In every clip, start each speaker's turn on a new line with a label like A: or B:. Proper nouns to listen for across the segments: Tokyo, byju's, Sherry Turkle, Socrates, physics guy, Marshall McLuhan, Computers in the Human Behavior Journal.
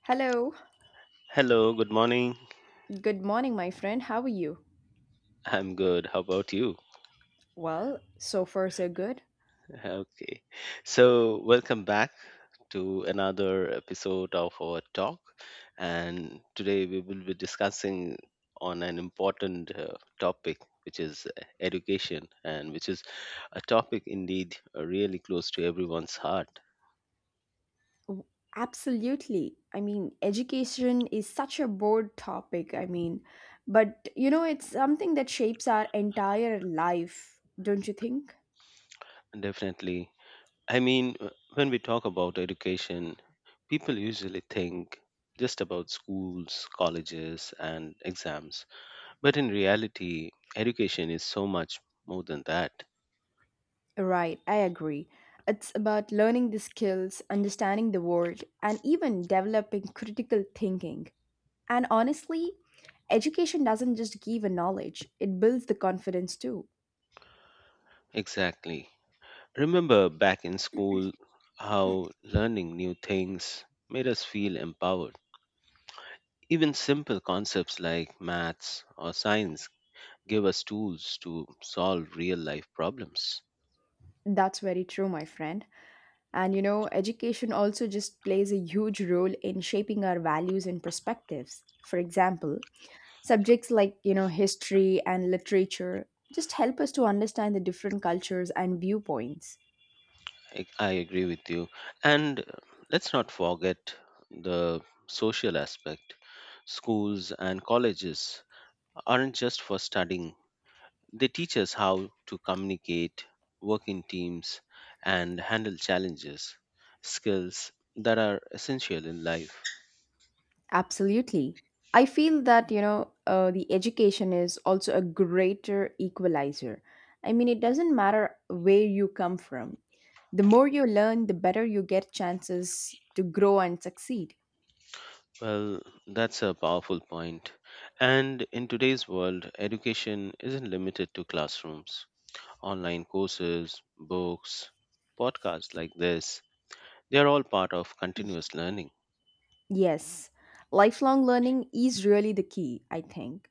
A: Hello.
B: Hello, good morning.
A: Good morning, my friend. How are you?
B: I'm good. How about you?
A: Well, so far so good.
B: Okay. So, welcome back to another episode of our talk. And today we will be discussing on an important topic, which is education, and which is a topic indeed really close to everyone's heart.
A: Absolutely. Education is such a broad topic. But it's something that shapes our entire life, don't you think?
B: Definitely. I mean, when we talk about education, people usually think just about schools, colleges, and exams. But in reality, education is so much more than that.
A: Right, I agree. It's about learning the skills, understanding the world, and even developing critical thinking. And honestly, education doesn't just give a knowledge, it builds the confidence too.
B: Exactly. Remember back in school how learning new things made us feel empowered. Even simple concepts like maths or science give us tools to solve real life problems.
A: That's very true, my friend. And you know, education also just plays a huge role in shaping our values and perspectives. For example, subjects like, history and literature just help us to understand the different cultures and viewpoints.
B: I agree with you. And let's not forget the social aspect. Schools and colleges aren't just for studying. They teach us how to communicate, work in teams, and handle challenges, skills that are essential in life.
A: Absolutely. I feel that, the education is also a greater equalizer. I mean, it doesn't matter where you come from. The more you learn, the better you get chances to grow and succeed.
B: Well, that's a powerful point. And in today's world, education isn't limited to classrooms. Online courses, books, podcasts like this, they are all part of continuous learning.
A: Yes, lifelong learning is really the key, I think,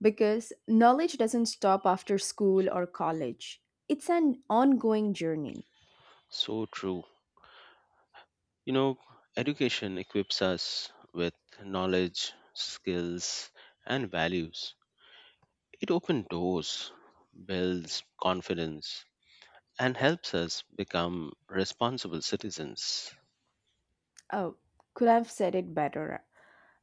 A: because knowledge doesn't stop after school or college. It's an ongoing journey.
B: So true. You know, education equips us with knowledge, skills, and values. It opens doors, builds confidence, and helps us become responsible citizens.
A: Oh, could I have said it better.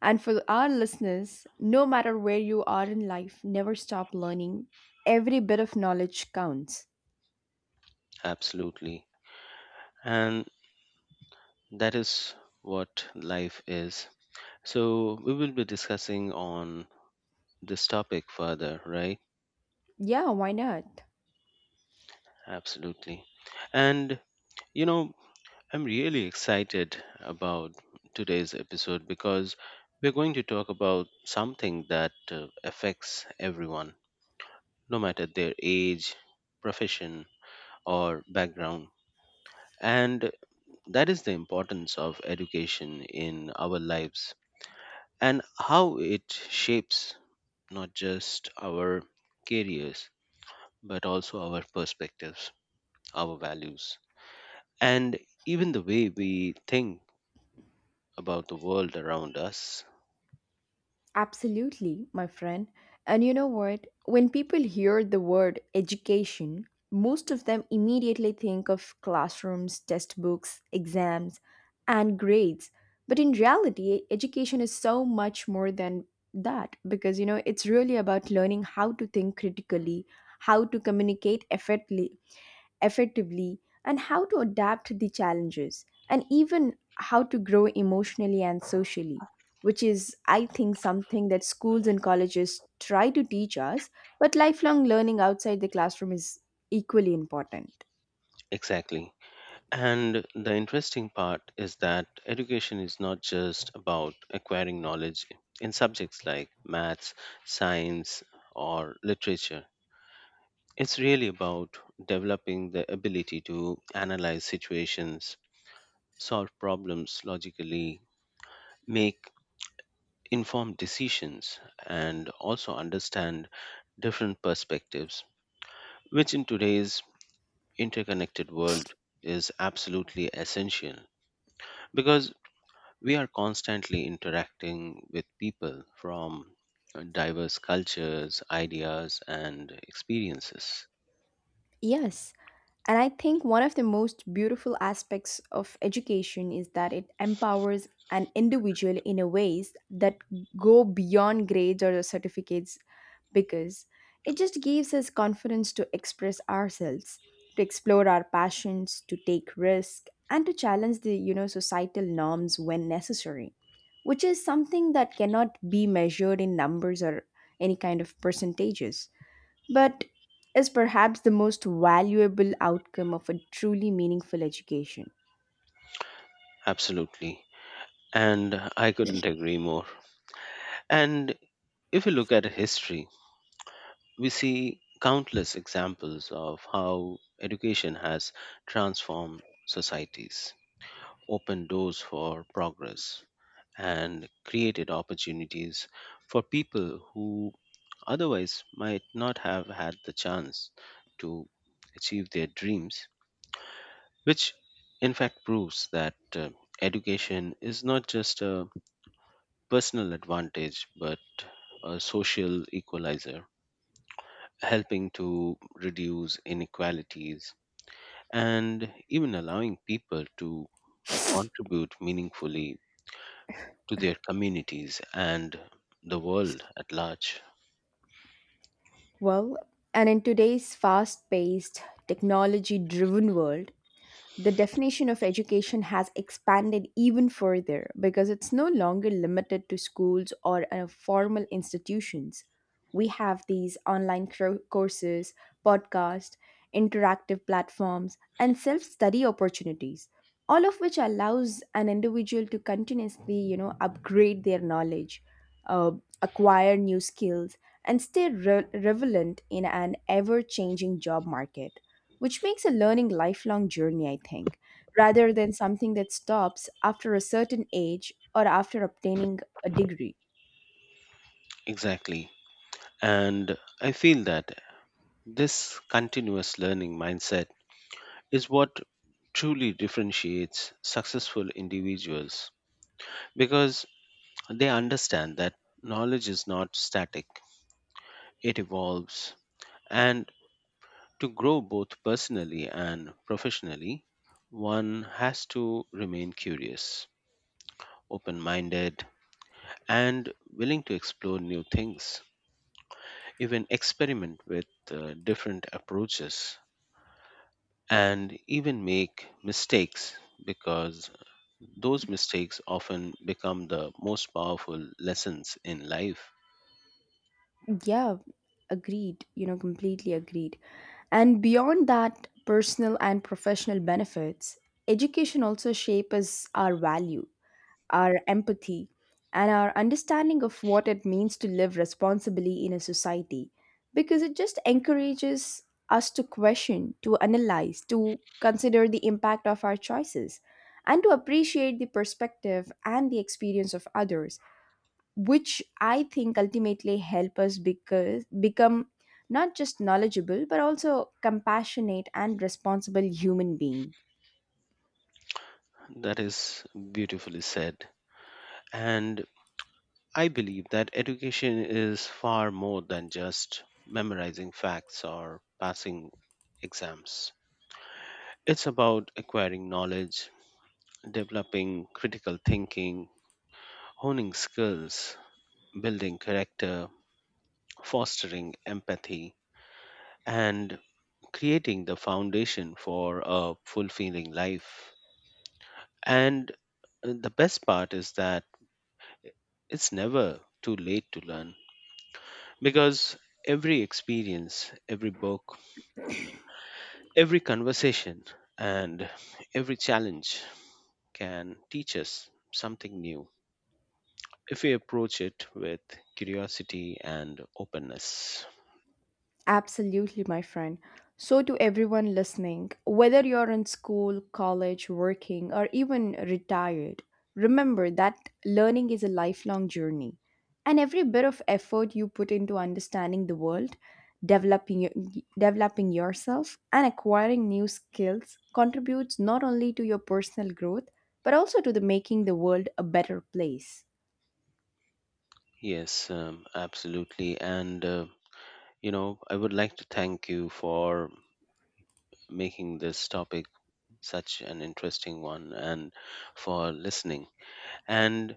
A: And for our listeners, no matter where you are in life, never stop learning. Every bit of knowledge counts.
B: Absolutely. And that is what life is. So we will be discussing on this topic further, right?
A: Yeah, why not?
B: Absolutely. And you know, I'm really excited about today's episode because we're going to talk about something that affects everyone, no matter their age, profession, or background. And that is the importance of education in our lives and how it shapes not just our careers, but also our perspectives, our values, and even the way we think about the world around us.
A: Absolutely, my friend. And you know what? When people hear the word education, most of them immediately think of classrooms, test books, exams, and grades. But in reality, education is so much more than that because it's really about learning how to think critically, how to communicate effectively, and how to adapt to the challenges, and even how to grow emotionally and socially, which is, I think, something that schools and colleges try to teach us, but lifelong learning outside the classroom is equally important.
B: Exactly. And the interesting part is that education is not just about acquiring knowledge in subjects like maths, science, or literature. It's really about developing the ability to analyze situations, solve problems logically, make informed decisions, and also understand different perspectives, which in today's interconnected world is absolutely essential because we are constantly interacting with people from diverse cultures, ideas, and experiences.
A: Yes, and I think one of the most beautiful aspects of education is that it empowers an individual in a ways that go beyond grades or certificates, because it just gives us confidence to express ourselves, to explore our passions, to take risks, and to challenge the societal norms when necessary, which is something that cannot be measured in numbers or any kind of percentages, but is perhaps the most valuable outcome of a truly meaningful education.
B: Absolutely. And I couldn't agree more. And if we look at history, we see countless examples of how education has transformed societies, opened doors for progress, and created opportunities for people who otherwise might not have had the chance to achieve their dreams, which in fact proves that education is not just a personal advantage but a social equalizer, helping to reduce inequalities and even allowing people to contribute meaningfully to their communities and the world at large.
A: Well, and in today's fast paced, technology driven world, the definition of education has expanded even further because it's no longer limited to schools or formal institutions. We have these courses, podcasts, interactive platforms, and self study opportunities, all of which allows an individual to continuously upgrade their knowledge, uh, acquire new skills, and stay relevant in an ever changing job market, which makes a learning lifelong journey, I think, rather than something that stops after a certain age or after obtaining a degree.
B: Exactly. And I feel that this continuous learning mindset is what truly differentiates successful individuals because they understand that knowledge is not static, it evolves. And to grow both personally and professionally, one has to remain curious, open minded, and willing to explore new things, even experiment with different approaches, and even make mistakes because those mistakes often become the most powerful lessons in life.
A: Yeah, agreed, completely agreed. And beyond that personal and professional benefits, education also shapes our value, our empathy, and our understanding of what it means to live responsibly in a society, because it just encourages us to question, to analyze, to consider the impact of our choices, and to appreciate the perspective and the experience of others, which I think ultimately help us because, become not just knowledgeable but also compassionate and responsible human being.
B: That is beautifully said. And I believe that education is far more than just memorizing facts or passing exams. It's about acquiring knowledge, developing critical thinking, honing skills, building character, fostering empathy, and creating the foundation for a fulfilling life. And the best part is that it's never too late to learn because every experience, every book, every conversation and every challenge can teach us something new if we approach it with curiosity and openness.
A: Absolutely, my friend. So, to everyone listening, whether you're in school, college, working, or even retired, remember that learning is a lifelong journey. And every bit of effort you put into understanding the world, developing, your, developing yourself, and acquiring new skills contributes not only to your personal growth, but also to the making the world a better place.
B: Yes, absolutely. And, you know, I would like to thank you for making this topic such an interesting one and for listening and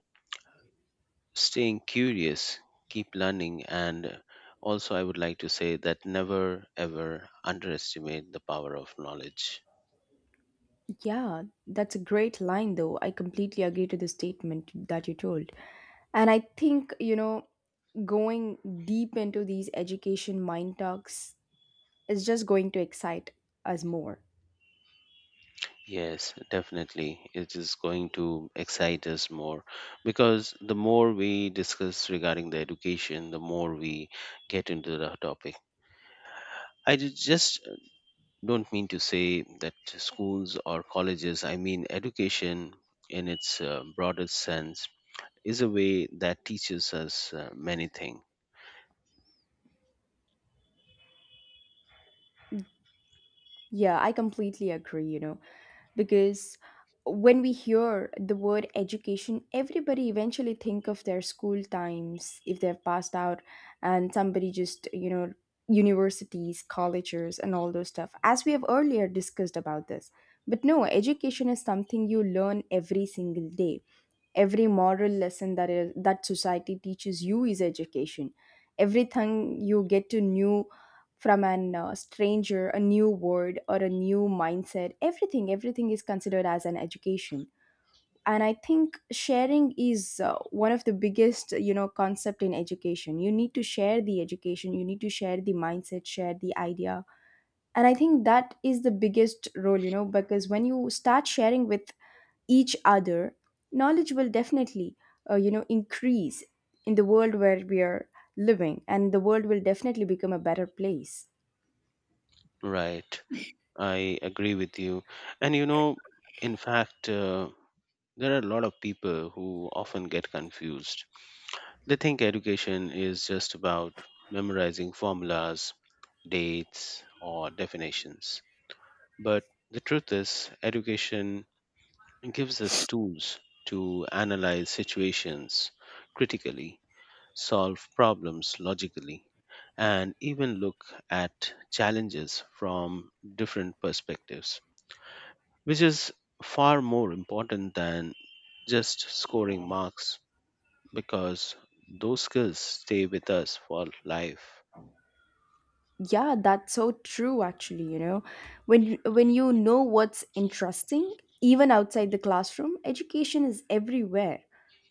B: staying curious, keep learning. And also, I would like to say that never ever underestimate the power of knowledge.
A: Yeah, that's a great line, though. I completely agree to the statement that you told. And I think, going deep into these education mind talks is just going to excite us more.
B: Yes, definitely. It is going to excite us more because the more we discuss regarding the education, the more we get into the topic. I just don't mean to say that schools or colleges, I mean education in its broadest sense, is a way that teaches us many things.
A: Yeah, I completely agree, because when we hear the word education, everybody eventually think of their school times if they've passed out, and somebody just, universities, colleges and all those stuff. As we have earlier discussed about this. But no, education is something you learn every single day. Every moral lesson that is, that society teaches you is education. Everything you get to know from an stranger, a new word or a new mindset, everything is considered as an education. And I think sharing is one of the biggest, concept in education. You need to share the education, you need to share the mindset, share the idea. And I think that is the biggest role, you know, because when you start sharing with each other, knowledge will definitely, increase in the world where we are living, and the world will definitely become a better place.
B: Right. I agree with you. And you know, in fact, there are a lot of people who often get confused. They think education is just about memorizing formulas, dates, or definitions. But the truth is, education gives us tools to analyze situations critically, solve problems logically, and even look at challenges from different perspectives, which is far more important than just scoring marks because those skills stay with us for life.
A: Yeah, that's so true, actually, you know. When you know, what's interesting, even outside the classroom, education is everywhere.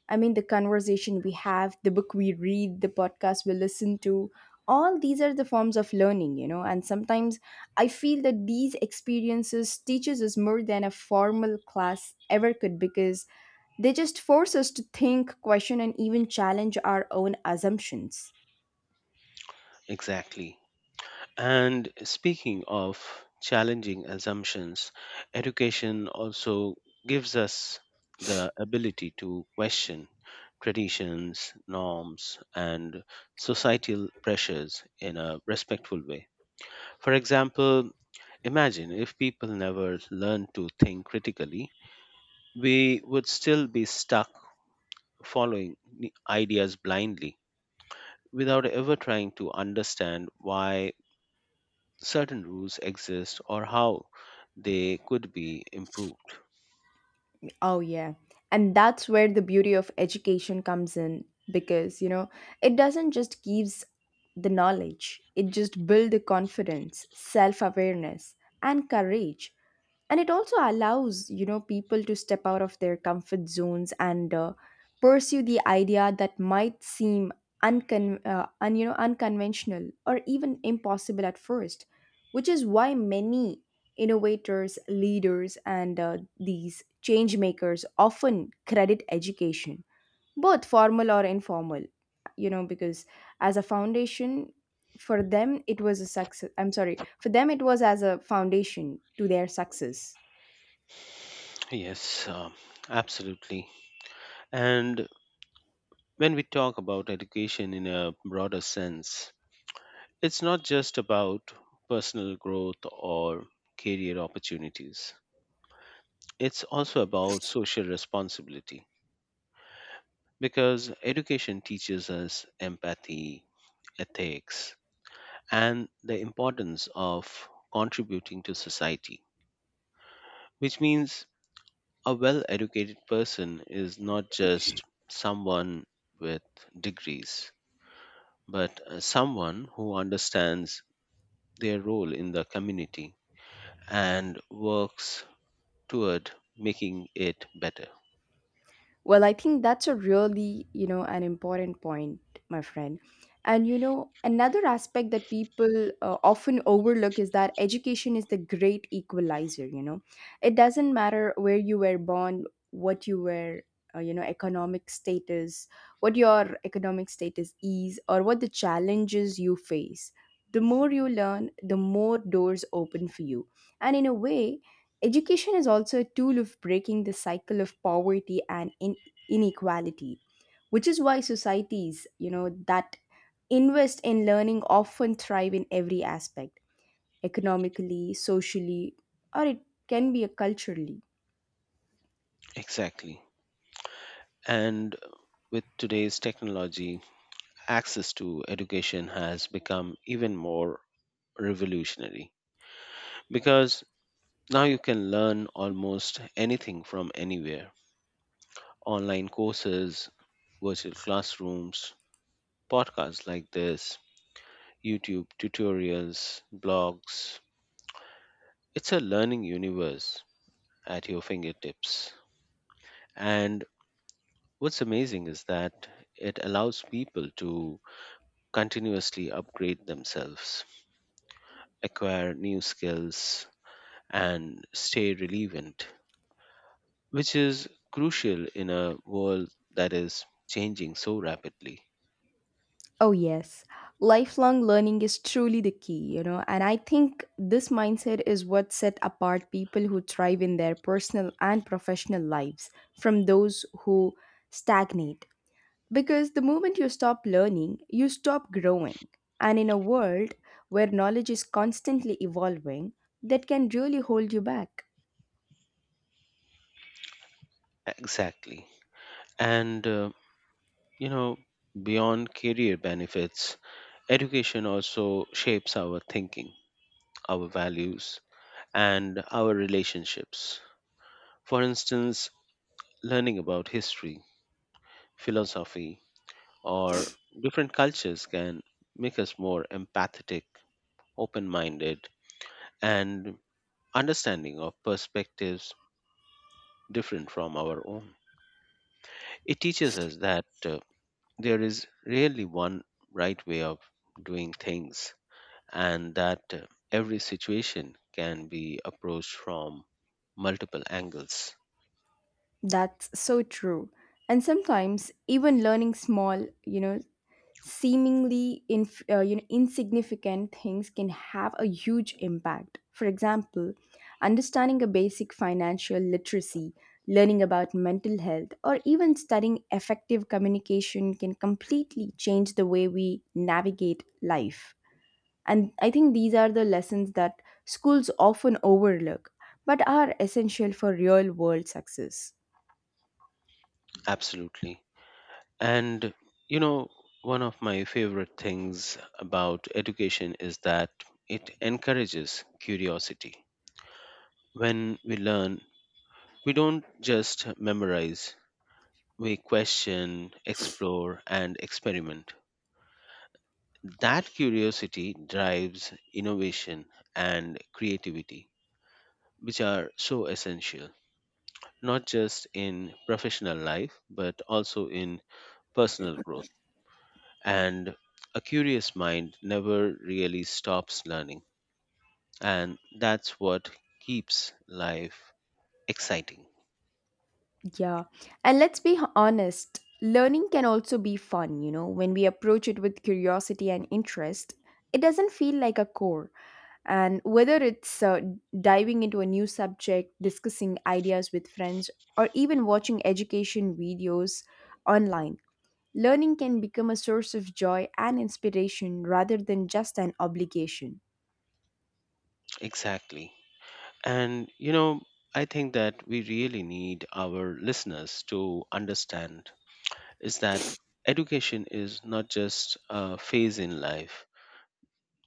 A: I mean, the conversation we have, the book we read, the podcast we listen to, all these are the forms of learning, you know. And sometimes I feel that these experiences teaches us more than a formal class ever could, because they just force us to think, question, and even challenge our own assumptions.
B: Exactly. And speaking of challenging assumptions, education also gives us the ability to question traditions, norms, and societal pressures in a respectful way. For example, imagine if people never learned to think critically, we would still be stuck following ideas blindly without ever trying to understand why certain rules exist or how they could be improved.
A: Oh, yeah. And that's where the beauty of education comes in because, you know, it doesn't just gives the knowledge, it just builds the confidence, self awareness, and courage. And it also allows, you know, people to step out of their comfort zones and pursue the idea that might seem unconventional or even impossible at first, which is why many Innovators, leaders, and these change makers often credit education, both formal or informal, you know, because as a foundation for them, it was a success. I'm sorry, for them, it was as a foundation to their success.
B: Yes, absolutely. And when we talk about education in a broader sense, it's not just about personal growth or career opportunities, it's also about social responsibility because education teaches us empathy, ethics, and the importance of contributing to society, which means a well educated person is not just someone with degrees, but someone who understands their role in the community and works toward making it better.
A: Well, I think that's a really, you know, an important point, my friend. And you know, another aspect that people often overlook is that education is the great equalizer, you know. It doesn't matter where you were born, what you were, economic status, what your economic status is or what the challenges you face. The more you learn, the more doors open for you. And in a way, education is also a tool of breaking the cycle of poverty and inequality, which is why societies, you know, that invest in learning often thrive in every aspect, economically, socially, or it can be a culturally.
B: Exactly. And with today's technology, access to education has become even more revolutionary because now you can learn almost anything from anywhere: online courses, virtual classrooms, podcasts like this, YouTube tutorials, blogs. It's a learning universe at your fingertips. And what's amazing is that it allows people to continuously upgrade themselves, acquire new skills, and stay relevant, which is crucial in a world that is changing so rapidly.
A: Oh yes, lifelong learning is truly the key, you know, and I think this mindset is what set apart people who thrive in their personal and professional lives from those who stagnate. Because the moment you stop learning, you stop growing. And in a world where knowledge is constantly evolving, that can really hold you back.
B: Exactly. And, you know, beyond career benefits, education also shapes our thinking, our values, and our relationships. For instance, learning about history, philosophy, or different cultures can make us more empathetic, open minded, and understanding of perspectives different from our own. It teaches us that there is really one right way of doing things and that every situation can be approached from multiple angles.
A: That's so true. And sometimes even learning small, seemingly inf- you know, insignificant things can have a huge impact. For example, understanding a basic financial literacy, learning about mental health, or even studying effective communication can completely change the way we navigate life. And I think these are the lessons that schools often overlook but are essential for real world success.
B: Absolutely. And you know, one of my favorite things about education is that it encourages curiosity. When we learn, we don't just memorize, we question, explore, and experiment. That curiosity drives innovation and creativity, which are so essential, not just in professional life, but also in personal growth. And a curious mind never really stops learning. And that's what keeps life exciting.
A: Yeah. And let's be honest, learning can also be fun, you know, when we approach it with curiosity and interest. It doesn't feel like a chore. And whether it's diving into a new subject, discussing ideas with friends, or even watching education videos online, learning can become a source of joy and inspiration rather than just an obligation.
B: Exactly. And, you know, I think that we really need our listeners to understand is that education is not just a phase in life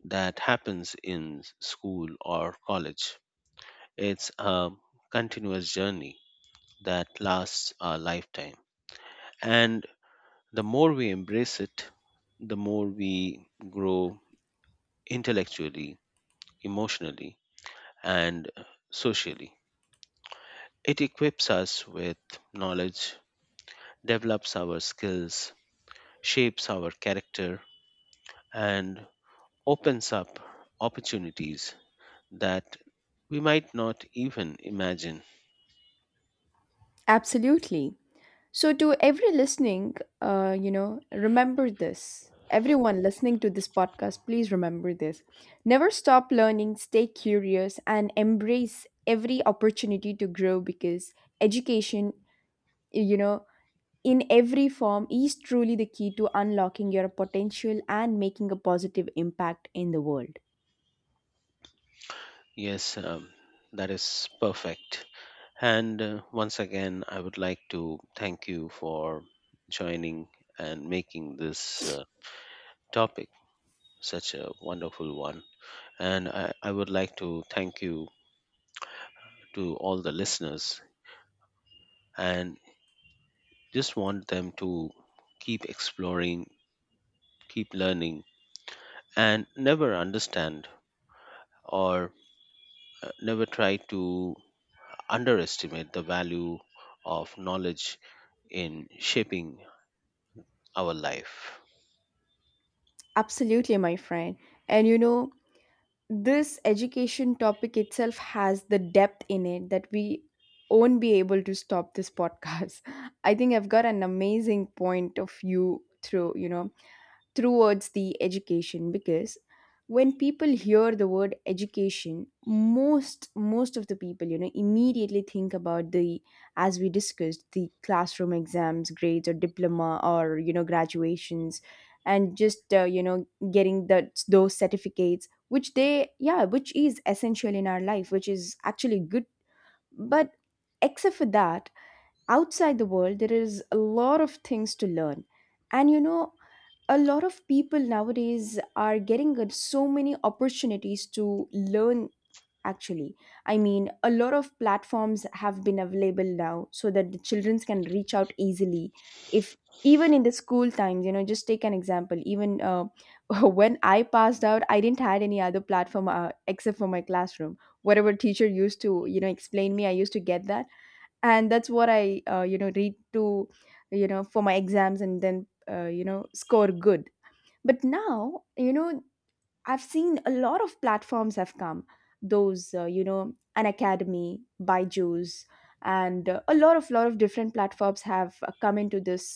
B: that happens in school or college. It's a continuous journey that lasts a lifetime. And the more we embrace it, the more we grow intellectually, emotionally, and socially. It equips us with knowledge, develops our skills, shapes our character, and opens up opportunities that we might not even imagine.
A: Absolutely. So, to every listening, remember this. Everyone listening to this podcast, please remember this. Never stop learning, stay curious, and embrace every opportunity to grow, because education, you know, in every form is truly the key to unlocking your potential and making a positive impact in the world.
B: Yes, that is perfect. And once again, I would like to thank you for joining and making this topic such a wonderful one. And I would like to thank you to all the listeners and just want them to keep exploring, keep learning, and never understand or never try to underestimate the value of knowledge in shaping our life.
A: Absolutely, my friend. And you know, this education topic itself has the depth in it that we won't be able to stop this podcast. I think I've got an amazing point of view through, you know, towards the education. Because when people hear the word education, most of the people, you know, immediately think about the as we discussed, the classroom, exams, grades, or diploma, or you know, graduations, and just you know, getting that those certificates which they, yeah, which is essential in our life, which is actually good. But except for that, outside the world, there is a lot of things to learn. And you know, a lot of people nowadays are getting so many opportunities to learn. Actually, I mean, a lot of platforms have been available now so that the children can reach out easily. If, even in the school times, you know, just take an example. Even when I passed out, I didn't had any other platform, except for my classroom. Whatever teacher used to, you know, explain me, I used to get that. And that's what I, you know, read to, you know, for my exams, and then, you know, score good. But now, you know, I've seen a lot of platforms have come. Those, you know, an Academy, Byju's, and a lot of different platforms have come into this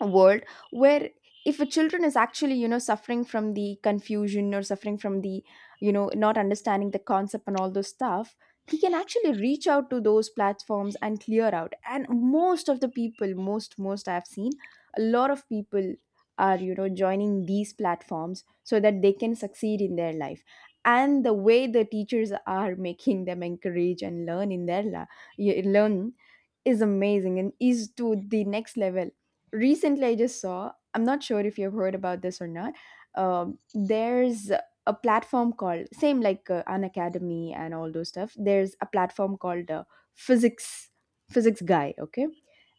A: world, where if a children is actually, you know, suffering from the confusion, or suffering from the, you know, not understanding the concept and all those stuff, he can actually reach out to those platforms and clear out. And most of the people, most I've seen, a lot of people are, you know, joining these platforms so that they can succeed in their life. And the way the teachers are making them encourage and learn in their learn is amazing and is to the next level. Recently, I just saw, I'm not sure if you've heard about this or not, there's a platform called, same like an Academy and all those stuff. There's a platform called physics Physics Guy, okay.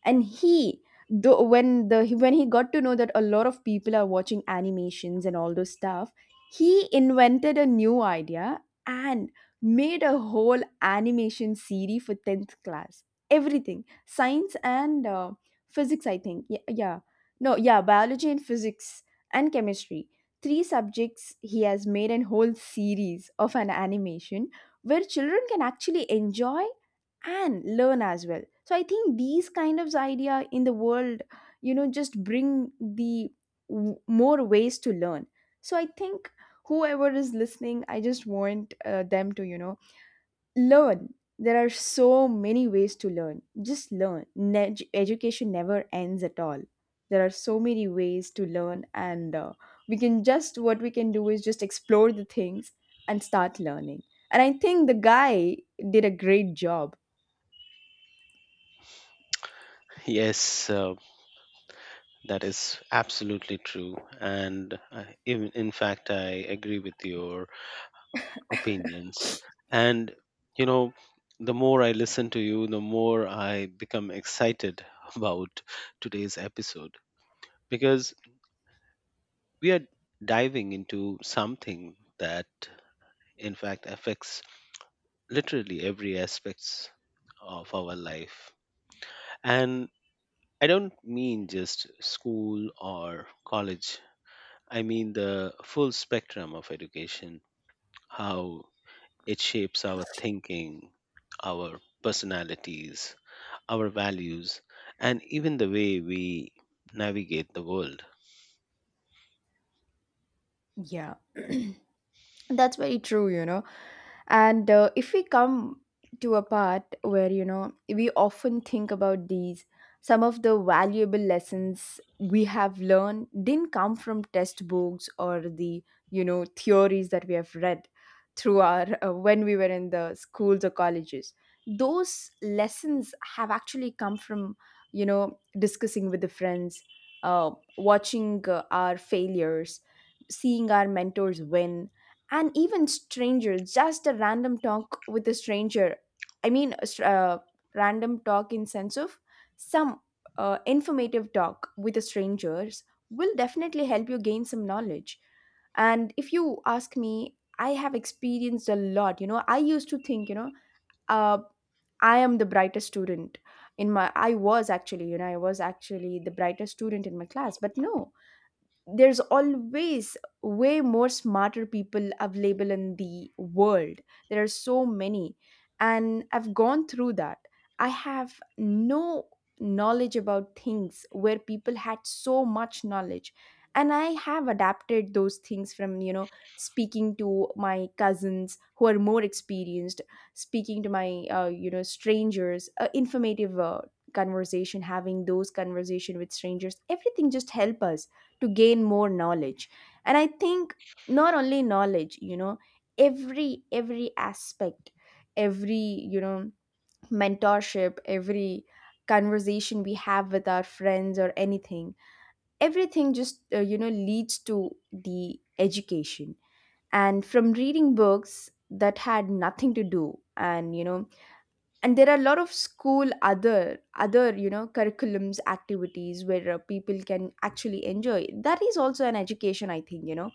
A: And he, though, when the when he got to know that a lot of people are watching animations and all those stuff, he invented a new idea, and made a whole animation series for 10th class. Everything science, and physics, I think. Yeah, yeah. No, yeah, biology and physics and chemistry. 3 subjects, he has made an whole series of an animation where children can actually enjoy and learn as well. So I think these kind of idea in the world, you know, just bring the more ways to learn. So I think whoever is listening, I just want them to, you know, learn. There are so many ways to learn. Just learn. Education never ends at all. There are so many ways to learn, and we can just, what we can do is just explore the things and start learning. And I think the guy did a great job.
B: Yes, that is absolutely true. And in fact, I agree with your opinions. And, you know, the more I listen to you, the more I become excited about today's episode because we are diving into something that, in fact, affects literally every aspects of our life, and I don't mean just school or college, I mean the full spectrum of education, how it shapes our thinking, our personalities, our values, and even the way we navigate the world.
A: Yeah. That's very true, you know. And if we come to a part where, you know, we often think about these, some of the valuable lessons we have learned didn't come from textbooks or the, you know, theories that we have read through our, when we were in the schools or colleges. Those lessons have actually come from, you know, discussing with the friends, watching our failures, seeing our mentors win, and even stranger, just a random talk with a stranger. I mean, a random talk in sense of some informative talk with the strangers will definitely help you gain some knowledge. And if you ask me, I have experienced a lot. You know, I used to think, you know, uh, I am the brightest student in my, I was actually, you know, I was actually the brightest student in my class. But no, there's always way more smarter people available in the world. There are so many, and I've gone through that. I have no knowledge about things where people had so much knowledge. And I have adapted those things from, you know, speaking to my cousins who are more experienced, speaking to my, you know, strangers, informative, conversation, having those conversation with strangers. Everything just help us to gain more knowledge. And I think not only knowledge, you know, every aspect, every, you know, mentorship, every conversation we have with our friends or anything, everything just, you know, leads to the education. And from reading books that had nothing to do. And you know, and there are a lot of school, other, you know, curriculums, activities, where people can actually enjoy, that is also an education, I think. You know,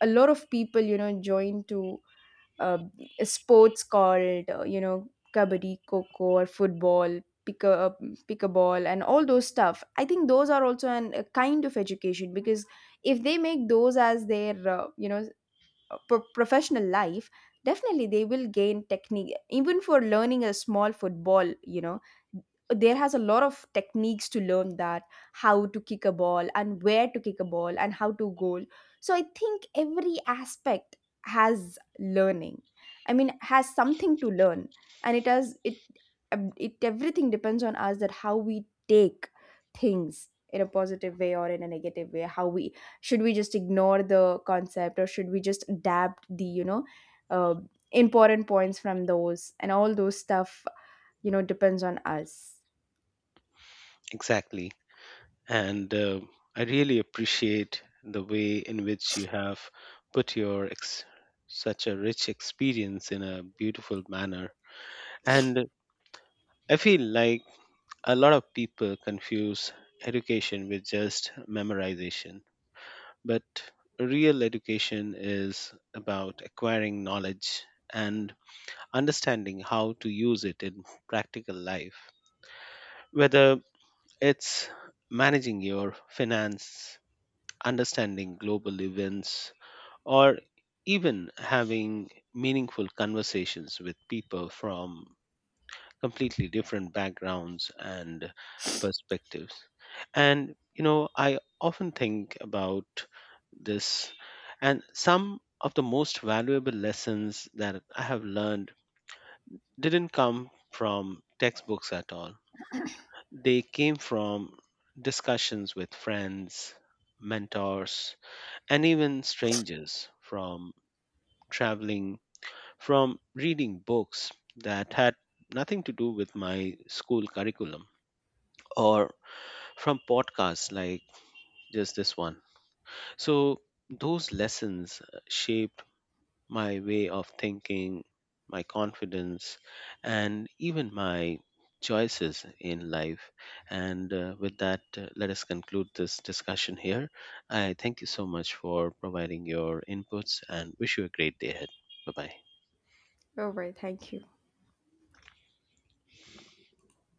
A: a lot of people, you know, join to uh, sports called, you know, kabaddi, coco, or football, pick a pick a ball, and all those stuff. I think those are also an, a kind of education, because if they make those as their you know, professional life, definitely they will gain technique. Even for learning a small football, you know, there has a lot of techniques to learn that: how to kick a ball, and where to kick a ball, and how to goal. So I think every aspect has learning, I mean has something to learn. And it has it it everything depends on us, that how we take things in a positive way or in a negative way. How we, should we just ignore the concept, or should we just adapt the, you know, uh, important points from those and all those stuff. You know, depends on us.
B: Exactly. And I really appreciate the way in which you have put such a rich experience in a beautiful manner. And I feel like a lot of people confuse education with just memorization, but real education is about acquiring knowledge and understanding how to use it in practical life, whether it's managing your finance, understanding global events, or even having meaningful conversations with people from completely different backgrounds and perspectives. And, you know, I often think about this, and some of the most valuable lessons that I have learned didn't come from textbooks at all. They came from discussions with friends, mentors, and even strangers, from traveling, from reading books that had nothing to do with my school curriculum, or from podcasts like just this one. So, those lessons shaped my way of thinking, my confidence, and even my choices in life. And with that, let us conclude this discussion here. I thank you so much for providing your inputs and wish you a great day ahead. Bye bye.
A: All right. Thank you.